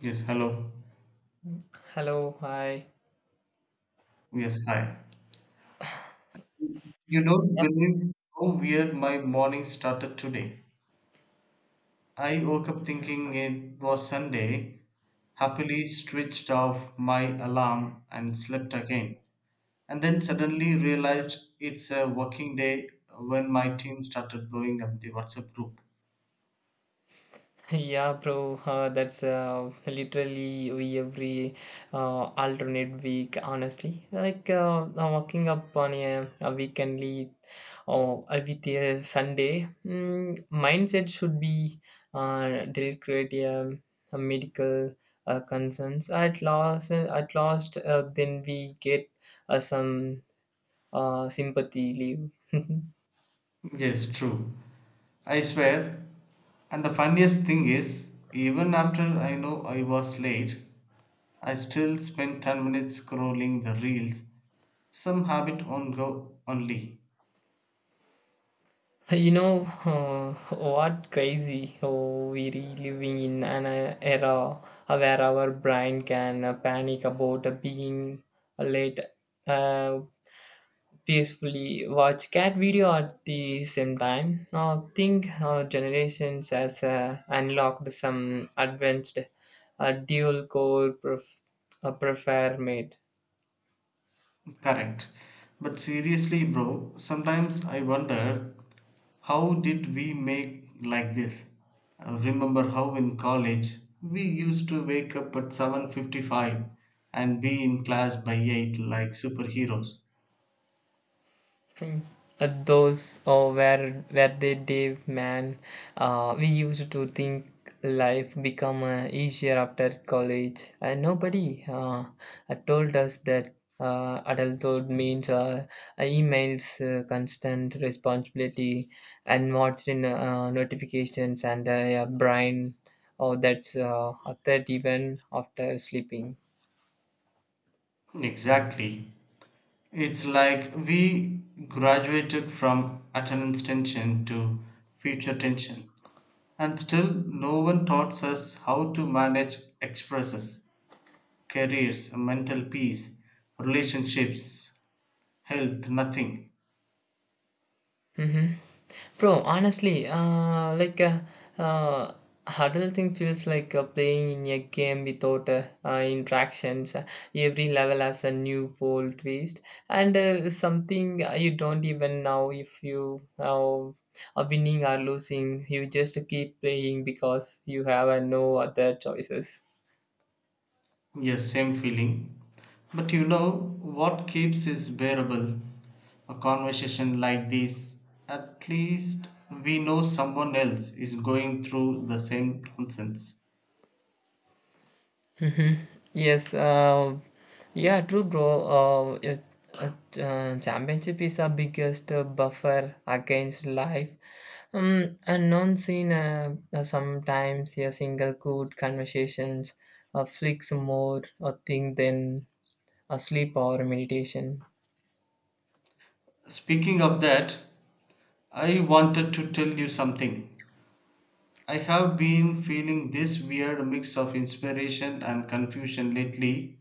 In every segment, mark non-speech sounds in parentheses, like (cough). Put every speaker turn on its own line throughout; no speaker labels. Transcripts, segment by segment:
Yes, hello.
Hello, hi.
Yes, hi. You don't
Yeah.
believe how weird my morning started today. I woke up thinking it was Sunday, happily switched off my alarm and slept again, and then suddenly realized it's a working day when my team started blowing up the WhatsApp group.
(laughs) Yeah, bro, that's literally we every alternate week, honestly. Like I'm walking up on a weekendly or with a Sunday, mindset should be delicate, medical concerns. At last, then we get some sympathy leave. (laughs)
Yes, true. I swear. And the funniest thing is, even after I know I was late, I still spent 10 minutes scrolling the reels. Some have it on go only.
Hey, you know what crazy oh, we are living in an era where our brain can panic about being late, uh, peacefully watch cat video at the same time. Now think our generations has unlocked some advanced dual core prefer made.
Correct. But seriously, bro, sometimes I wonder how did we make like this? Remember how in college we used to wake up at 7:55 and be in class by 8 like superheroes.
Hmm. Those or where they day man, we used to think life become easier after college and nobody told us that adulthood means emails, constant responsibility and watched in notifications and a brain or that's a third even after sleeping.
Exactly. It's like we graduated from attendance tension to future tension, and still no one taught us how to manage expresses, careers, mental peace, relationships, health, nothing.
Hmm. Bro, honestly, uh, adulting feels like playing in a game without interactions. Every level has a new pole twist and something you don't even know if you are winning or losing. You just keep playing because you have no other choices.
Yes, same feeling. But you know what keeps is bearable. A conversation like this, at least we know someone else is going through the same nonsense.
Mhm. Yes, yeah, true, bro. Championship is our biggest buffer against life. And non-seen, sometimes a single good conversations flicks more a thing than a sleep or meditation.
Speaking of that, I wanted to tell you something. I have been feeling this weird mix of inspiration and confusion lately.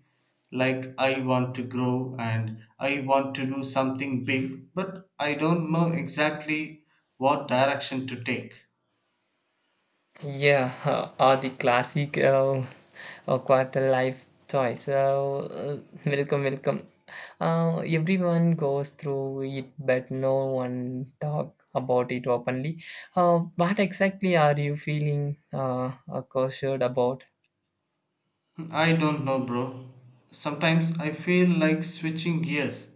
Like, I want to grow and I want to do something big, but I don't know exactly what direction to take.
Yeah, (laughs) or the classic quarter life choice. Welcome, welcome. Everyone goes through it, but no one talk about it openly. What exactly are you feeling cautious about?
I don't know, bro. Sometimes I feel like switching gears.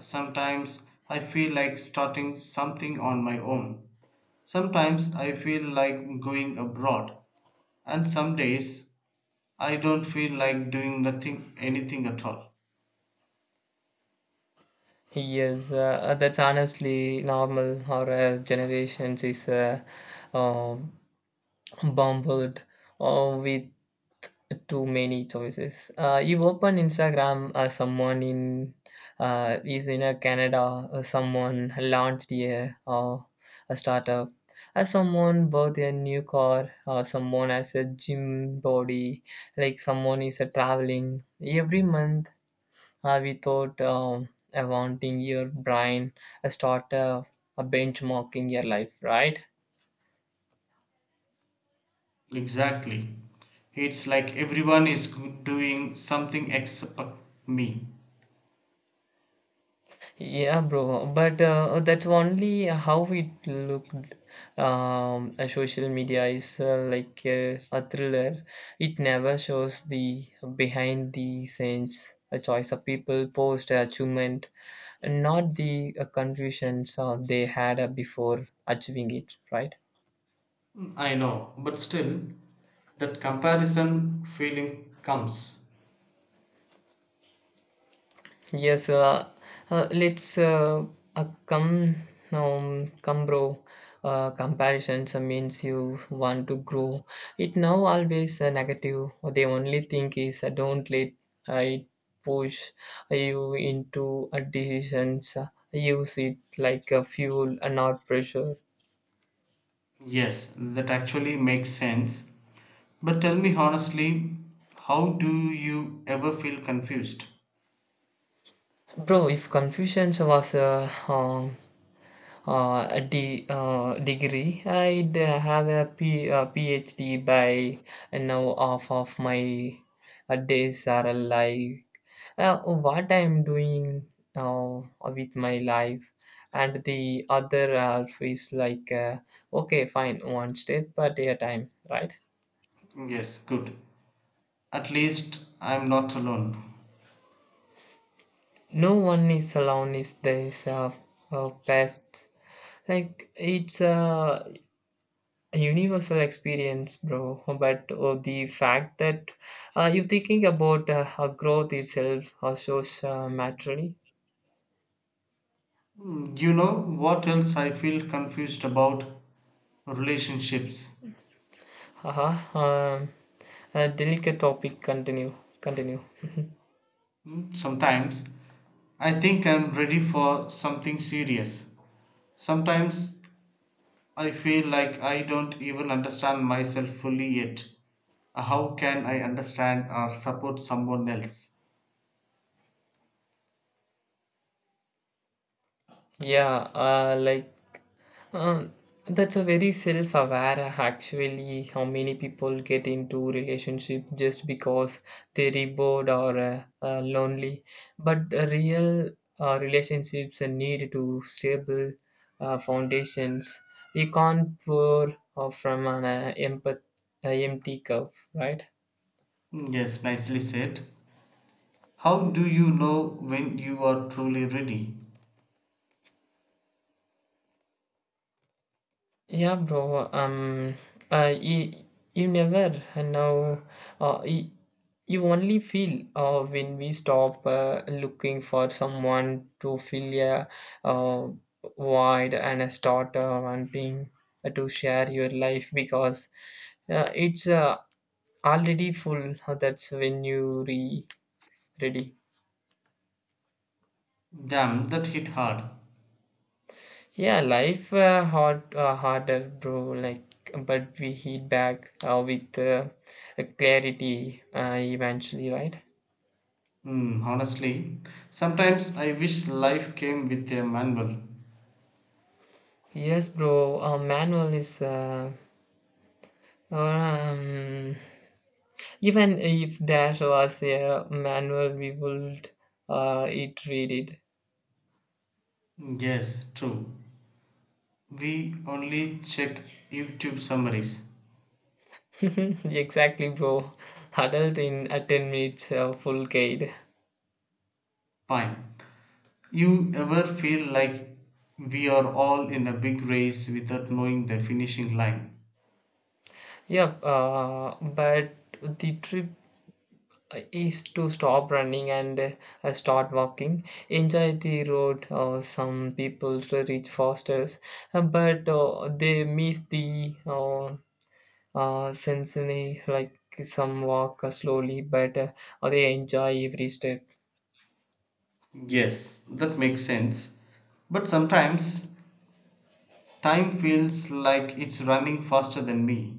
Sometimes I feel like starting something on my own. Sometimes I feel like going abroad. And some days I don't feel like doing nothing, anything at all.
Yes, that's honestly normal. Our generations is um, bombarded with too many choices. You open Instagram, someone in is in a Canada, someone launched a startup, someone bought a new car, someone has a gym body, like someone is traveling. Every month, we thought wanting your brain start a benchmarking your life, right?
Exactly. It's like everyone is doing something except me.
Yeah, bro. But that's only how it looked. A social media is like a thriller. It never shows the behind the scenes, a choice of people, post achievement, and not the confusions they had before achieving it, right?
I know, but still, that comparison feeling comes.
Yes, let's come, come bro. Comparisons means you want to grow. It now always negative. The only thing is, don't let it push you into decisions. Use it like a fuel and not pressure.
Yes, that actually makes sense. But tell me honestly, how do you ever feel confused?
Bro, if confusion was degree. I'd have a PhD by now. Half of my days are like, what I'm doing uh, with my life, and the other half is like, okay, fine, one step at a time, right?
Yes, good. At least I'm not alone.
No one is alone. Is this past like it's a universal experience, bro. But the fact that you thinking about growth itself shows maturity.
Mm, you know what else I feel confused about? Relationships.
Haha, um, a delicate topic. Continue, continue.
Sometimes I think I'm ready for something serious. Sometimes I feel like I don't even understand myself fully yet. How can I understand or support someone else?
Yeah, like, Uh, that's a very self-aware, actually how many people get into relationship just because they're bored or lonely, but real relationships need to stable foundations. You can't pour from an empty cup, right?
Mm, yes, nicely said. How do you know when you are truly ready?
Yeah, bro. Uh, you, you never know. Uh, you, you only feel when we stop looking for someone to fill a uh, void, and start wanting to share your life because it's already full. That's when you re ready.
Damn, that hit hard.
Yeah, life harder, bro. Like, but we hit back with clarity eventually, right?
Mm, honestly, sometimes I wish life came with a manual.
Yes, bro. A manual is um, even if there was a manual, we would it read
Hmm, yes, true. We only check YouTube summaries.
it. (laughs) Exactly, bro. Adult in a 10 minutes full guide.
Fine. You ever feel like we are all in a big race without knowing the finishing line?
Yep. But the trip is to stop running and start walking, enjoy the road. Some people to reach faster, but they miss the sensation. Like some walk slowly but they enjoy every step.
Yes, that makes sense. But sometimes time feels like it's running faster than me.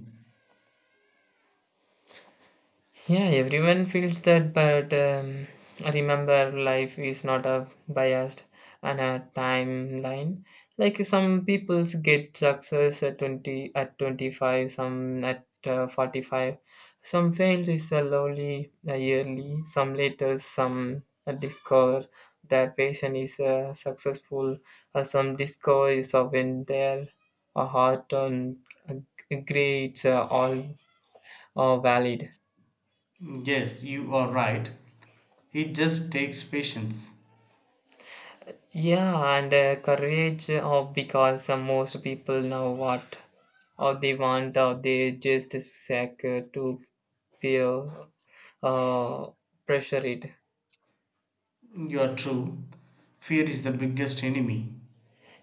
Yeah, everyone feels that, but remember, life is not a biased and a timeline. Like some people's get success at 20, at 25, some at 45, some fails is a lowly a yearly, some later, some discover their patient is successful, some discover is when their heart on uh, grades are all are valid.
Yes, you are right. It just takes patience.
Yeah, and courage of, because most people know what or they want or they just seek to feel uh, pressure it.
You are true. Fear is the biggest enemy.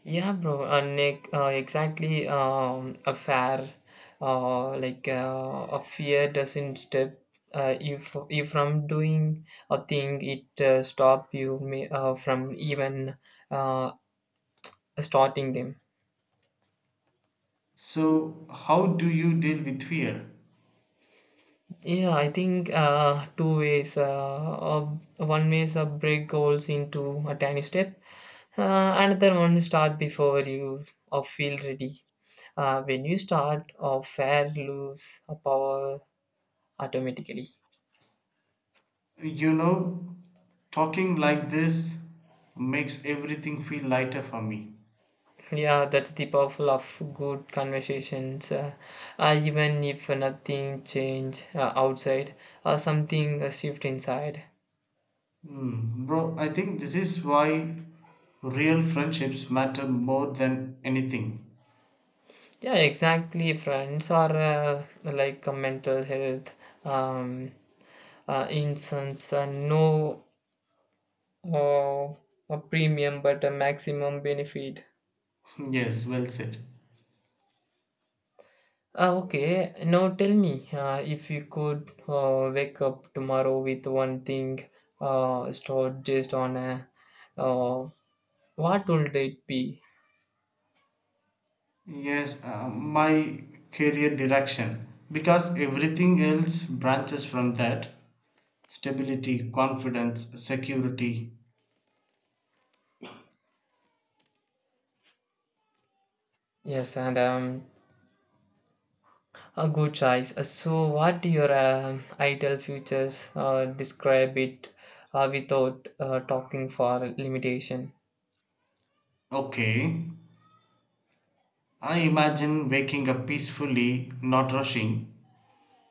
Yeah, bro, and like, exactly, a fair a fear doesn't step if from doing a thing, it stop you may, from even uh, starting them.
So, how do you deal with fear?
Yeah, I think two ways. One way is break goals into a tiny step. Another one is start before you feel ready. When you start, or fair lose a power automatically.
You know, talking like this makes everything feel lighter for me.
Yeah, that's the powerful of good conversations. Even if nothing change outside, something shift inside.
Hmm, bro, I think this is why real friendships matter more than anything.
Yeah, exactly. Friends are like a mental health. Um, instance, no uh, a premium but a maximum benefit.
(laughs) Yes, well said.
Okay, now tell me, if you could wake up tomorrow with one thing stored just on a, uh, what would it be?
Yes, my career direction. Because everything else branches from that stability, confidence, security.
Yes, and a good choice. So, what your ideal futures, describe it without talking for limitation?
Okay. I imagine waking up peacefully, not rushing,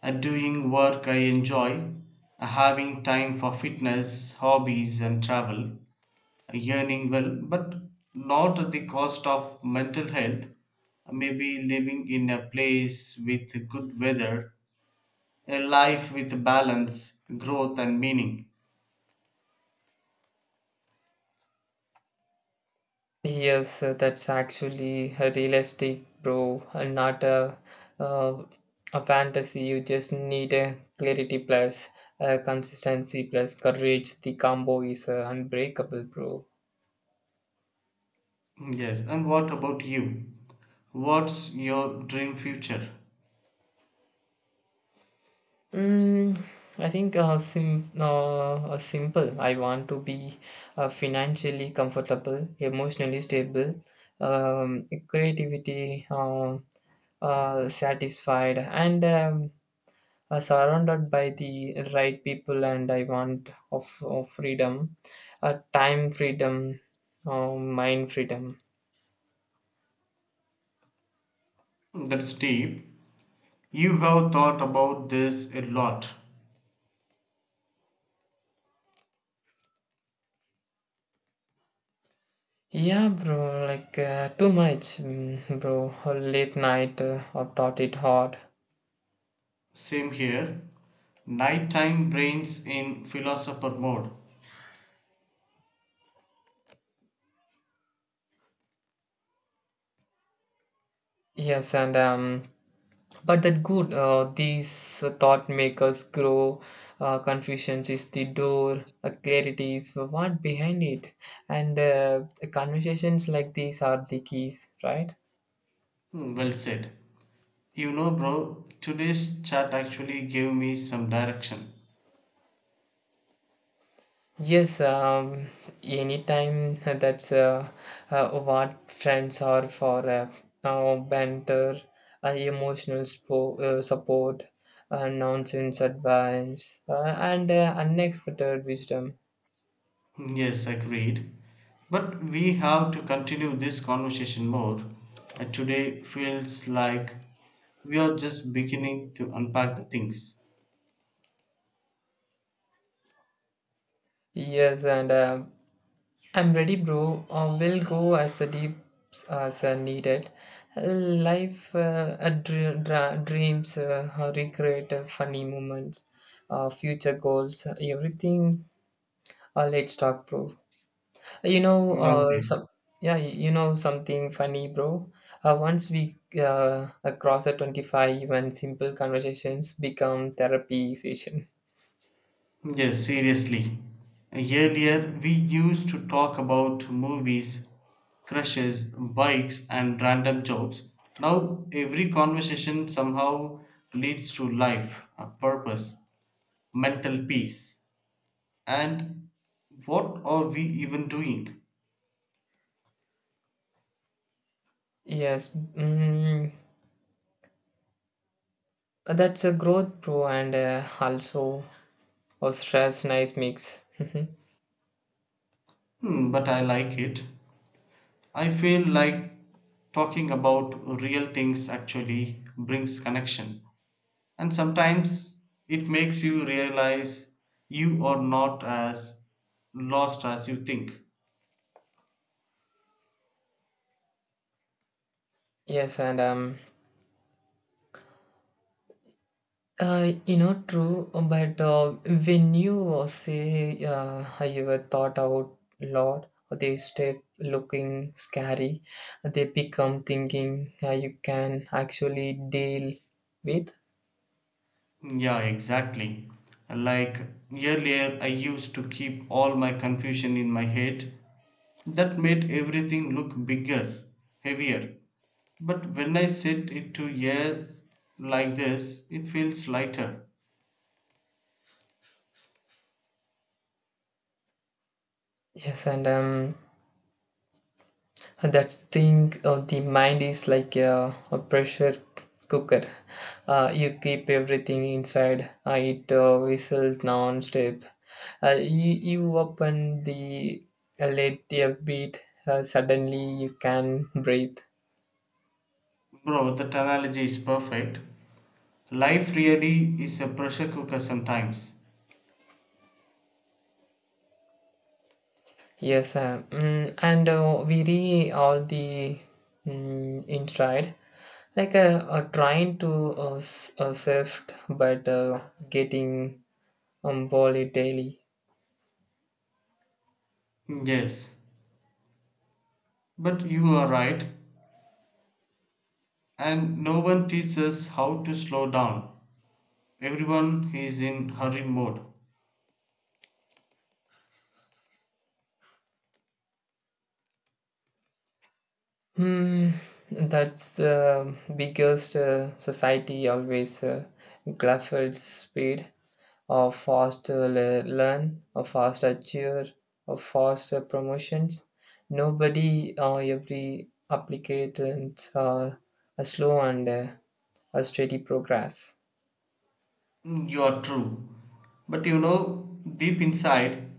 and doing work I enjoy, having time for fitness, hobbies, and travel. Yearning well, but not at the cost of mental health. Maybe living in a place with good weather, a life with balance, growth, and meaning.
Yes, that's actually a realistic, bro, and not a, uh, a fantasy. You just need a clarity plus consistency plus courage. The combo is unbreakable, bro.
Yes, and what about you? What's your dream future?
Mm, I think simple. I want to be financially comfortable, emotionally stable, creativity satisfied, and surrounded by the right people, and I want of freedom, time freedom, uh, mind freedom.
That's deep. You have thought about this a lot.
Yeah, bro, like too much, mm, bro. Late night I thought it hard.
Same here. Nighttime brains in philosopher mode.
Yes, and um, but that good, these thought makers grow. Confusions is the door, clarity is what behind it, and conversations like these are the keys, right?
Hmm, well said. You know, bro, today's chat actually gave me some direction.
Yes, anytime. (laughs) That's what friends are for, banter, emotional support, nonsense advice, and unexpected wisdom.
Yes, agreed. But we have to continue this conversation more. Today feels like we are just beginning to unpack the things.
Yes, and I'm ready, bro. We'll go as deep as needed. Life, dreams, recreate funny moments, future goals, everything. Let's talk, bro. You know,
Okay.
some yeah, you know something funny, bro. Once we cross at 25, even simple conversations become therapy session.
Yes, seriously. Earlier, we used to talk about movies, crushes, bikes, and random jokes. Now, every conversation somehow leads to life, a purpose, mental peace. And what are we even doing?
Yes, mm, that's a growth, bro, and also a stress, nice mix.
Hmm, but I like it. I feel like talking about real things actually brings connection. And sometimes it makes you realize you are not as lost as you think.
(laughs) Yes, and you know, true, but when you say you were thought out lot, they step looking scary, they become thinking you can actually deal with.
Yeah, exactly. Like earlier, I used to keep all my confusion in my head. That made everything look bigger, heavier. But when I sit it to ears like this, it feels lighter.
Yes, and and that thing of the mind is like a pressure cooker. You keep everything inside, it whistles non-stop. You open the let a beat, suddenly you can breathe.
Bro, that analogy is perfect. Life really is a pressure cooker sometimes.
Yes and we read all the mm, inside, like trying to shift, but getting daily.
Yes, but you are right, and no one teaches us how to slow down. Everyone is in hurry mode.
Hmm, that's the biggest. Society always glorifies speed or fast learn, or fast achieve, or fast promotions. Nobody or every applicant a slow and a steady progress.
Mm, you are true. But you know, deep inside,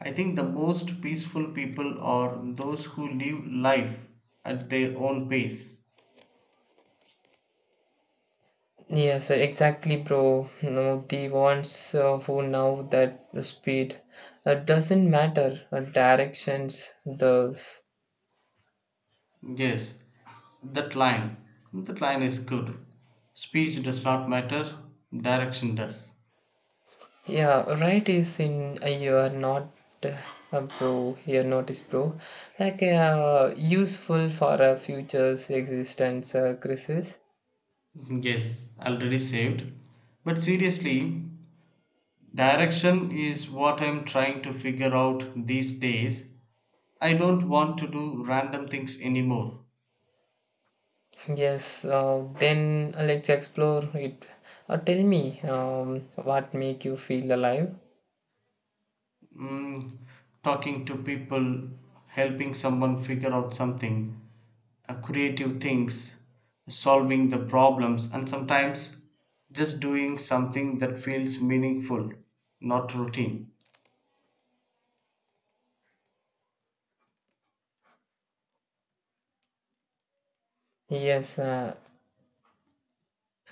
I think the most peaceful people are those who live life at their own pace.
Yes, exactly, bro. No, the ones who know that speed doesn't matter. Directions, those.
Yes, that line, that line is good. Speech does not matter, direction does.
Yeah, right is in you are not uh, a pro, you are not is pro. Like useful for a future's existence crisis.
Yes, already saved. But seriously, direction is what I'm trying to figure out these days. I don't want to do random things anymore.
Yes, then let's explore it. Tell me, what make you feel alive?
Mm, talking to people, helping someone figure out something, creative things, solving the problems, and sometimes just doing something that feels meaningful, not routine.
Yes,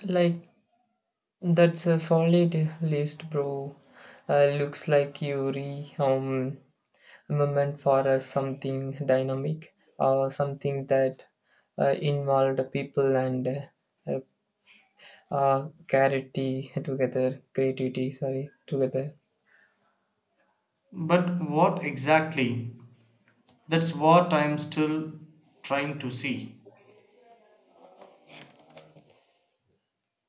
like, that's a solid list, bro. Looks like you re moment for us something dynamic or something that involved people, and charity together creativity sorry together.
But what exactly? That's what I'm still trying to see.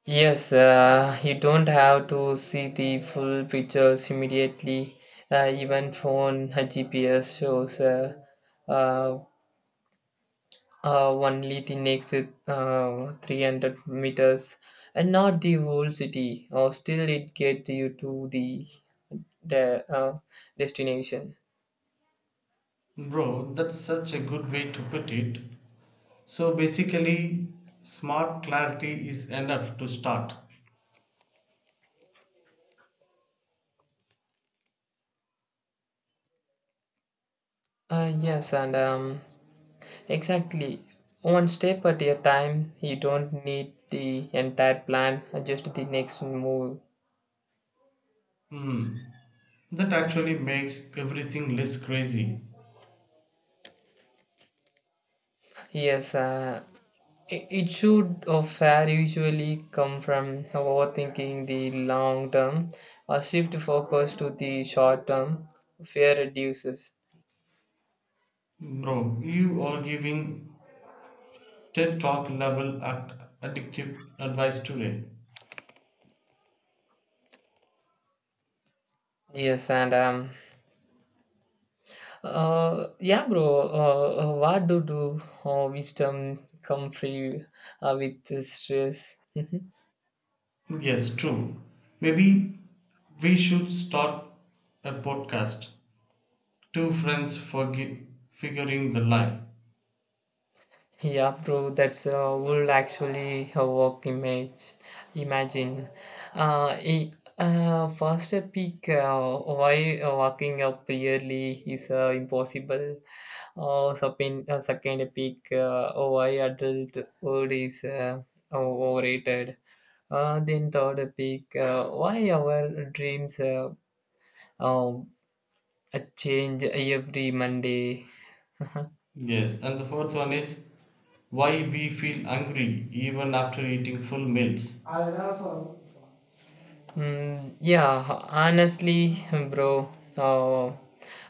Yes, you don't have to see the full pictures immediately. Even phone gps shows uh, only the next 300 meters and not the whole city, or still it gets you to the de- uh, destination.
Bro, that's such a good way to put it. So basically, smart clarity is enough to start.
Yes, and exactly. One step at a time, you don't need the entire plan, just the next move.
Hmm. That actually makes everything less crazy.
Yes, it should or fair usually come from overthinking the long term, or shift focus to the short term, fear reduces.
Bro, you are giving TED Talk level at addictive advice today.
Yes, and yeah, bro. What do wisdom come free with the stress? Mhm.
Yes, true. Maybe we should start a podcast. Two friends for figuring the life.
Yeah, bro. That's would actually a work image. Imagine, it, first a peak. Why walking up yearly is impossible. Second peak. Why adult world is overrated. Then third peak, why our dreams um, change every Monday. (laughs)
Yes, and the fourth one is why we feel hungry even after eating full meals.
Mm, yeah, honestly, bro, uh,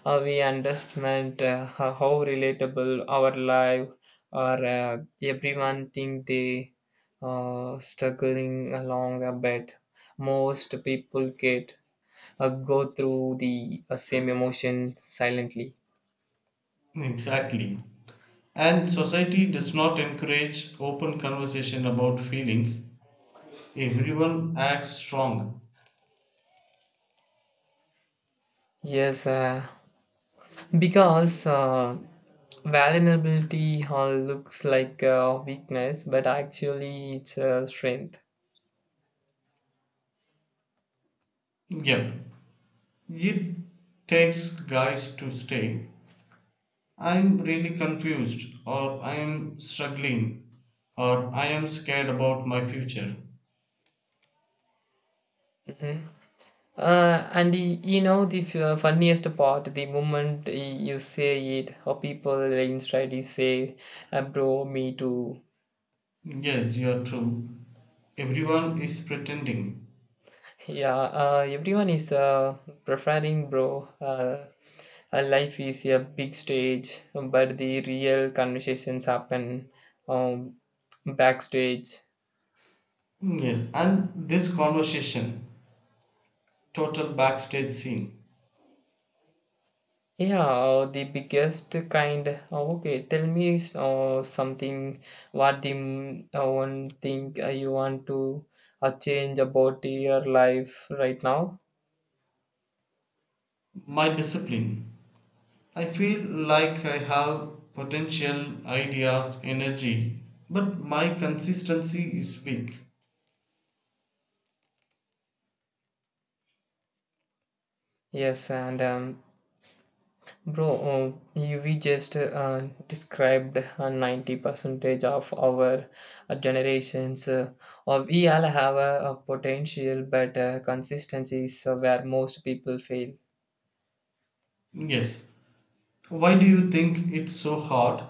we understand how relatable our life, or everyone think they struggling along a bit. Most people get go through the same emotion silently.
Exactly. And society does not encourage open conversation about feelings. Everyone acts strong.
Yes. Because vulnerability looks like weakness, but actually it's strength.
Yep. It takes guys to stay. I'm really confused, or I am struggling, or I am scared about my future.
Mhm. And you know the funniest part, the moment you say it, or people inside you say, "Bro, me too."
Yes, you are true. Everyone is pretending.
Yeah, everyone is preferring, bro. Life is a big stage, but the real conversations happen um, backstage.
Yes, and this conversation, total backstage scene,
Yeah, the biggest kind. Okay, tell me something. What the one thing you want to change about your life right now?
my discipline. I feel like I have potential, ideas, energy, but my consistency is weak.
Yes, and bro, you we just described 90 percentage of our generations. Or we all have a potential, but consistency is where most people fail.
Yes. Why do you think it's so hard?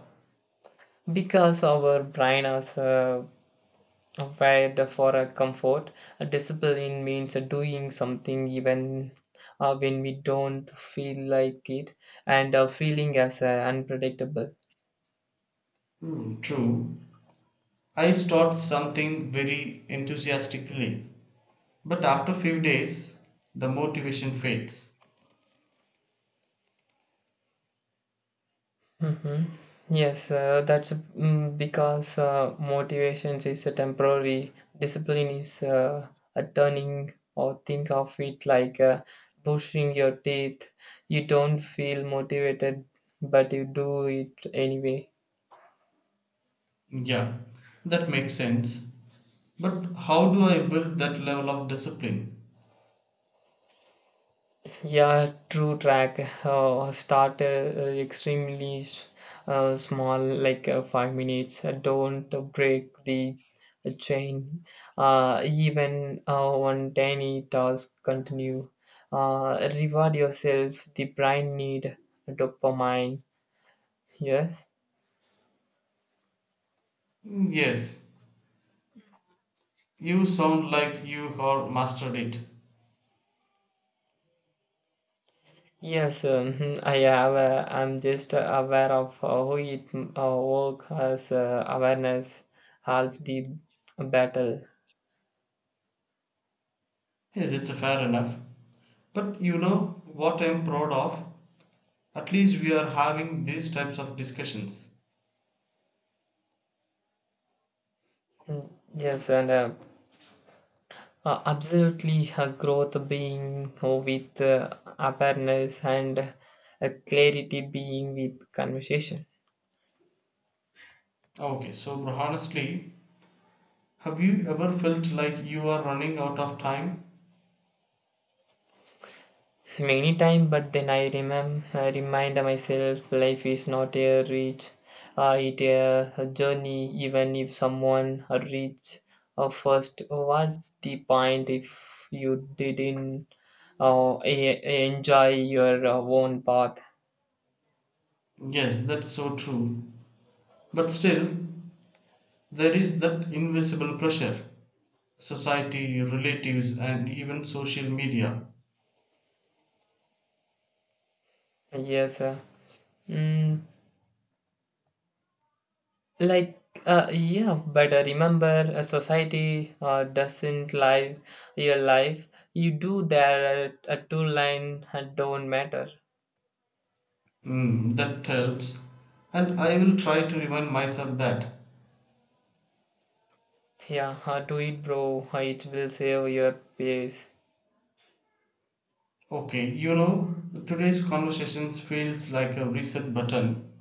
Because our brain has where for a comfort, a discipline means doing something even when we don't feel like it, and feeling as unpredictable.
Hmm, true. I start something very enthusiastically, but after few days the motivation fades.
Hmm. Yes, that's because motivation is a temporary. Discipline is a turning, or think of it like brushing your teeth. You don't feel motivated, but you do it anyway.
Yeah, that makes sense. But how do I build that level of discipline?
Yeah, true track. Start extremely small, like 5 minutes. Don't break the chain. Even one tiny task continue. Reward yourself. The brain need dopamine. Yes.
Mm, yes, you sound like you have mastered it.
Yes, (laughs) I have. I'm just aware of how it work as awareness help the battle.
Yes, it's fair enough. But you know what I'm proud of? At least we are having these types of discussions.
Mm. Yes, and absolutely, growth being with awareness and clarity being with conversation.
Okay, so honestly, have you ever felt like you are running out of time?
Many time, but then I remind myself life is not a reach, it a journey. Even if someone reach first, what the point if you didn't enjoy your own path?
Yes, that's so true. But still, there is that invisible pressure society, relatives, and even social media.
Yes. Mm, Like, yeah, but remember, a society doesn't live your life. You do that. A two line don't matter.
Mm, that helps. And I will try to remind myself that.
Yeah, do it, bro. It will save your pace?
Okay, you know, today's conversations feels like a reset button,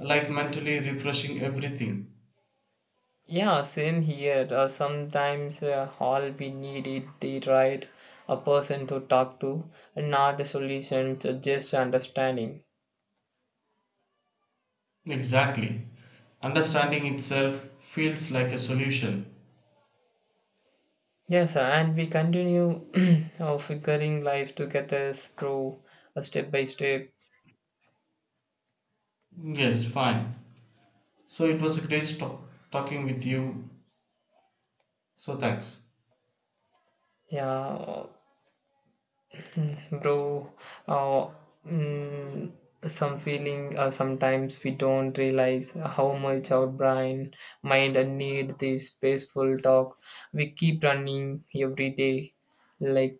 like mentally refreshing everything.
Yeah, same here. Sometimes all we need is the a person to talk to, and not the solutions, just understanding.
Exactly. Understanding itself feels like a solution.
Yes, sir, and we continue (clears throat) figuring life together, through a step by step.
Yes, fine. So it was a great talking with you. So thanks.
Yeah, (clears throat) bro. Uh, mm, some feeling. Sometimes we don't realize how much our brain, mind, and need this peaceful talk. We keep running every day, like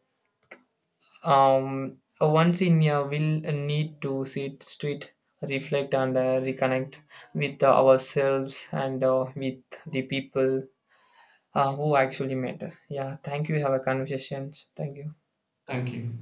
um. Once in a will need to sit, reflect, and reconnect with ourselves and with the people who actually matter. Yeah, thank you. Have a conversation. Thank you.
Thank you.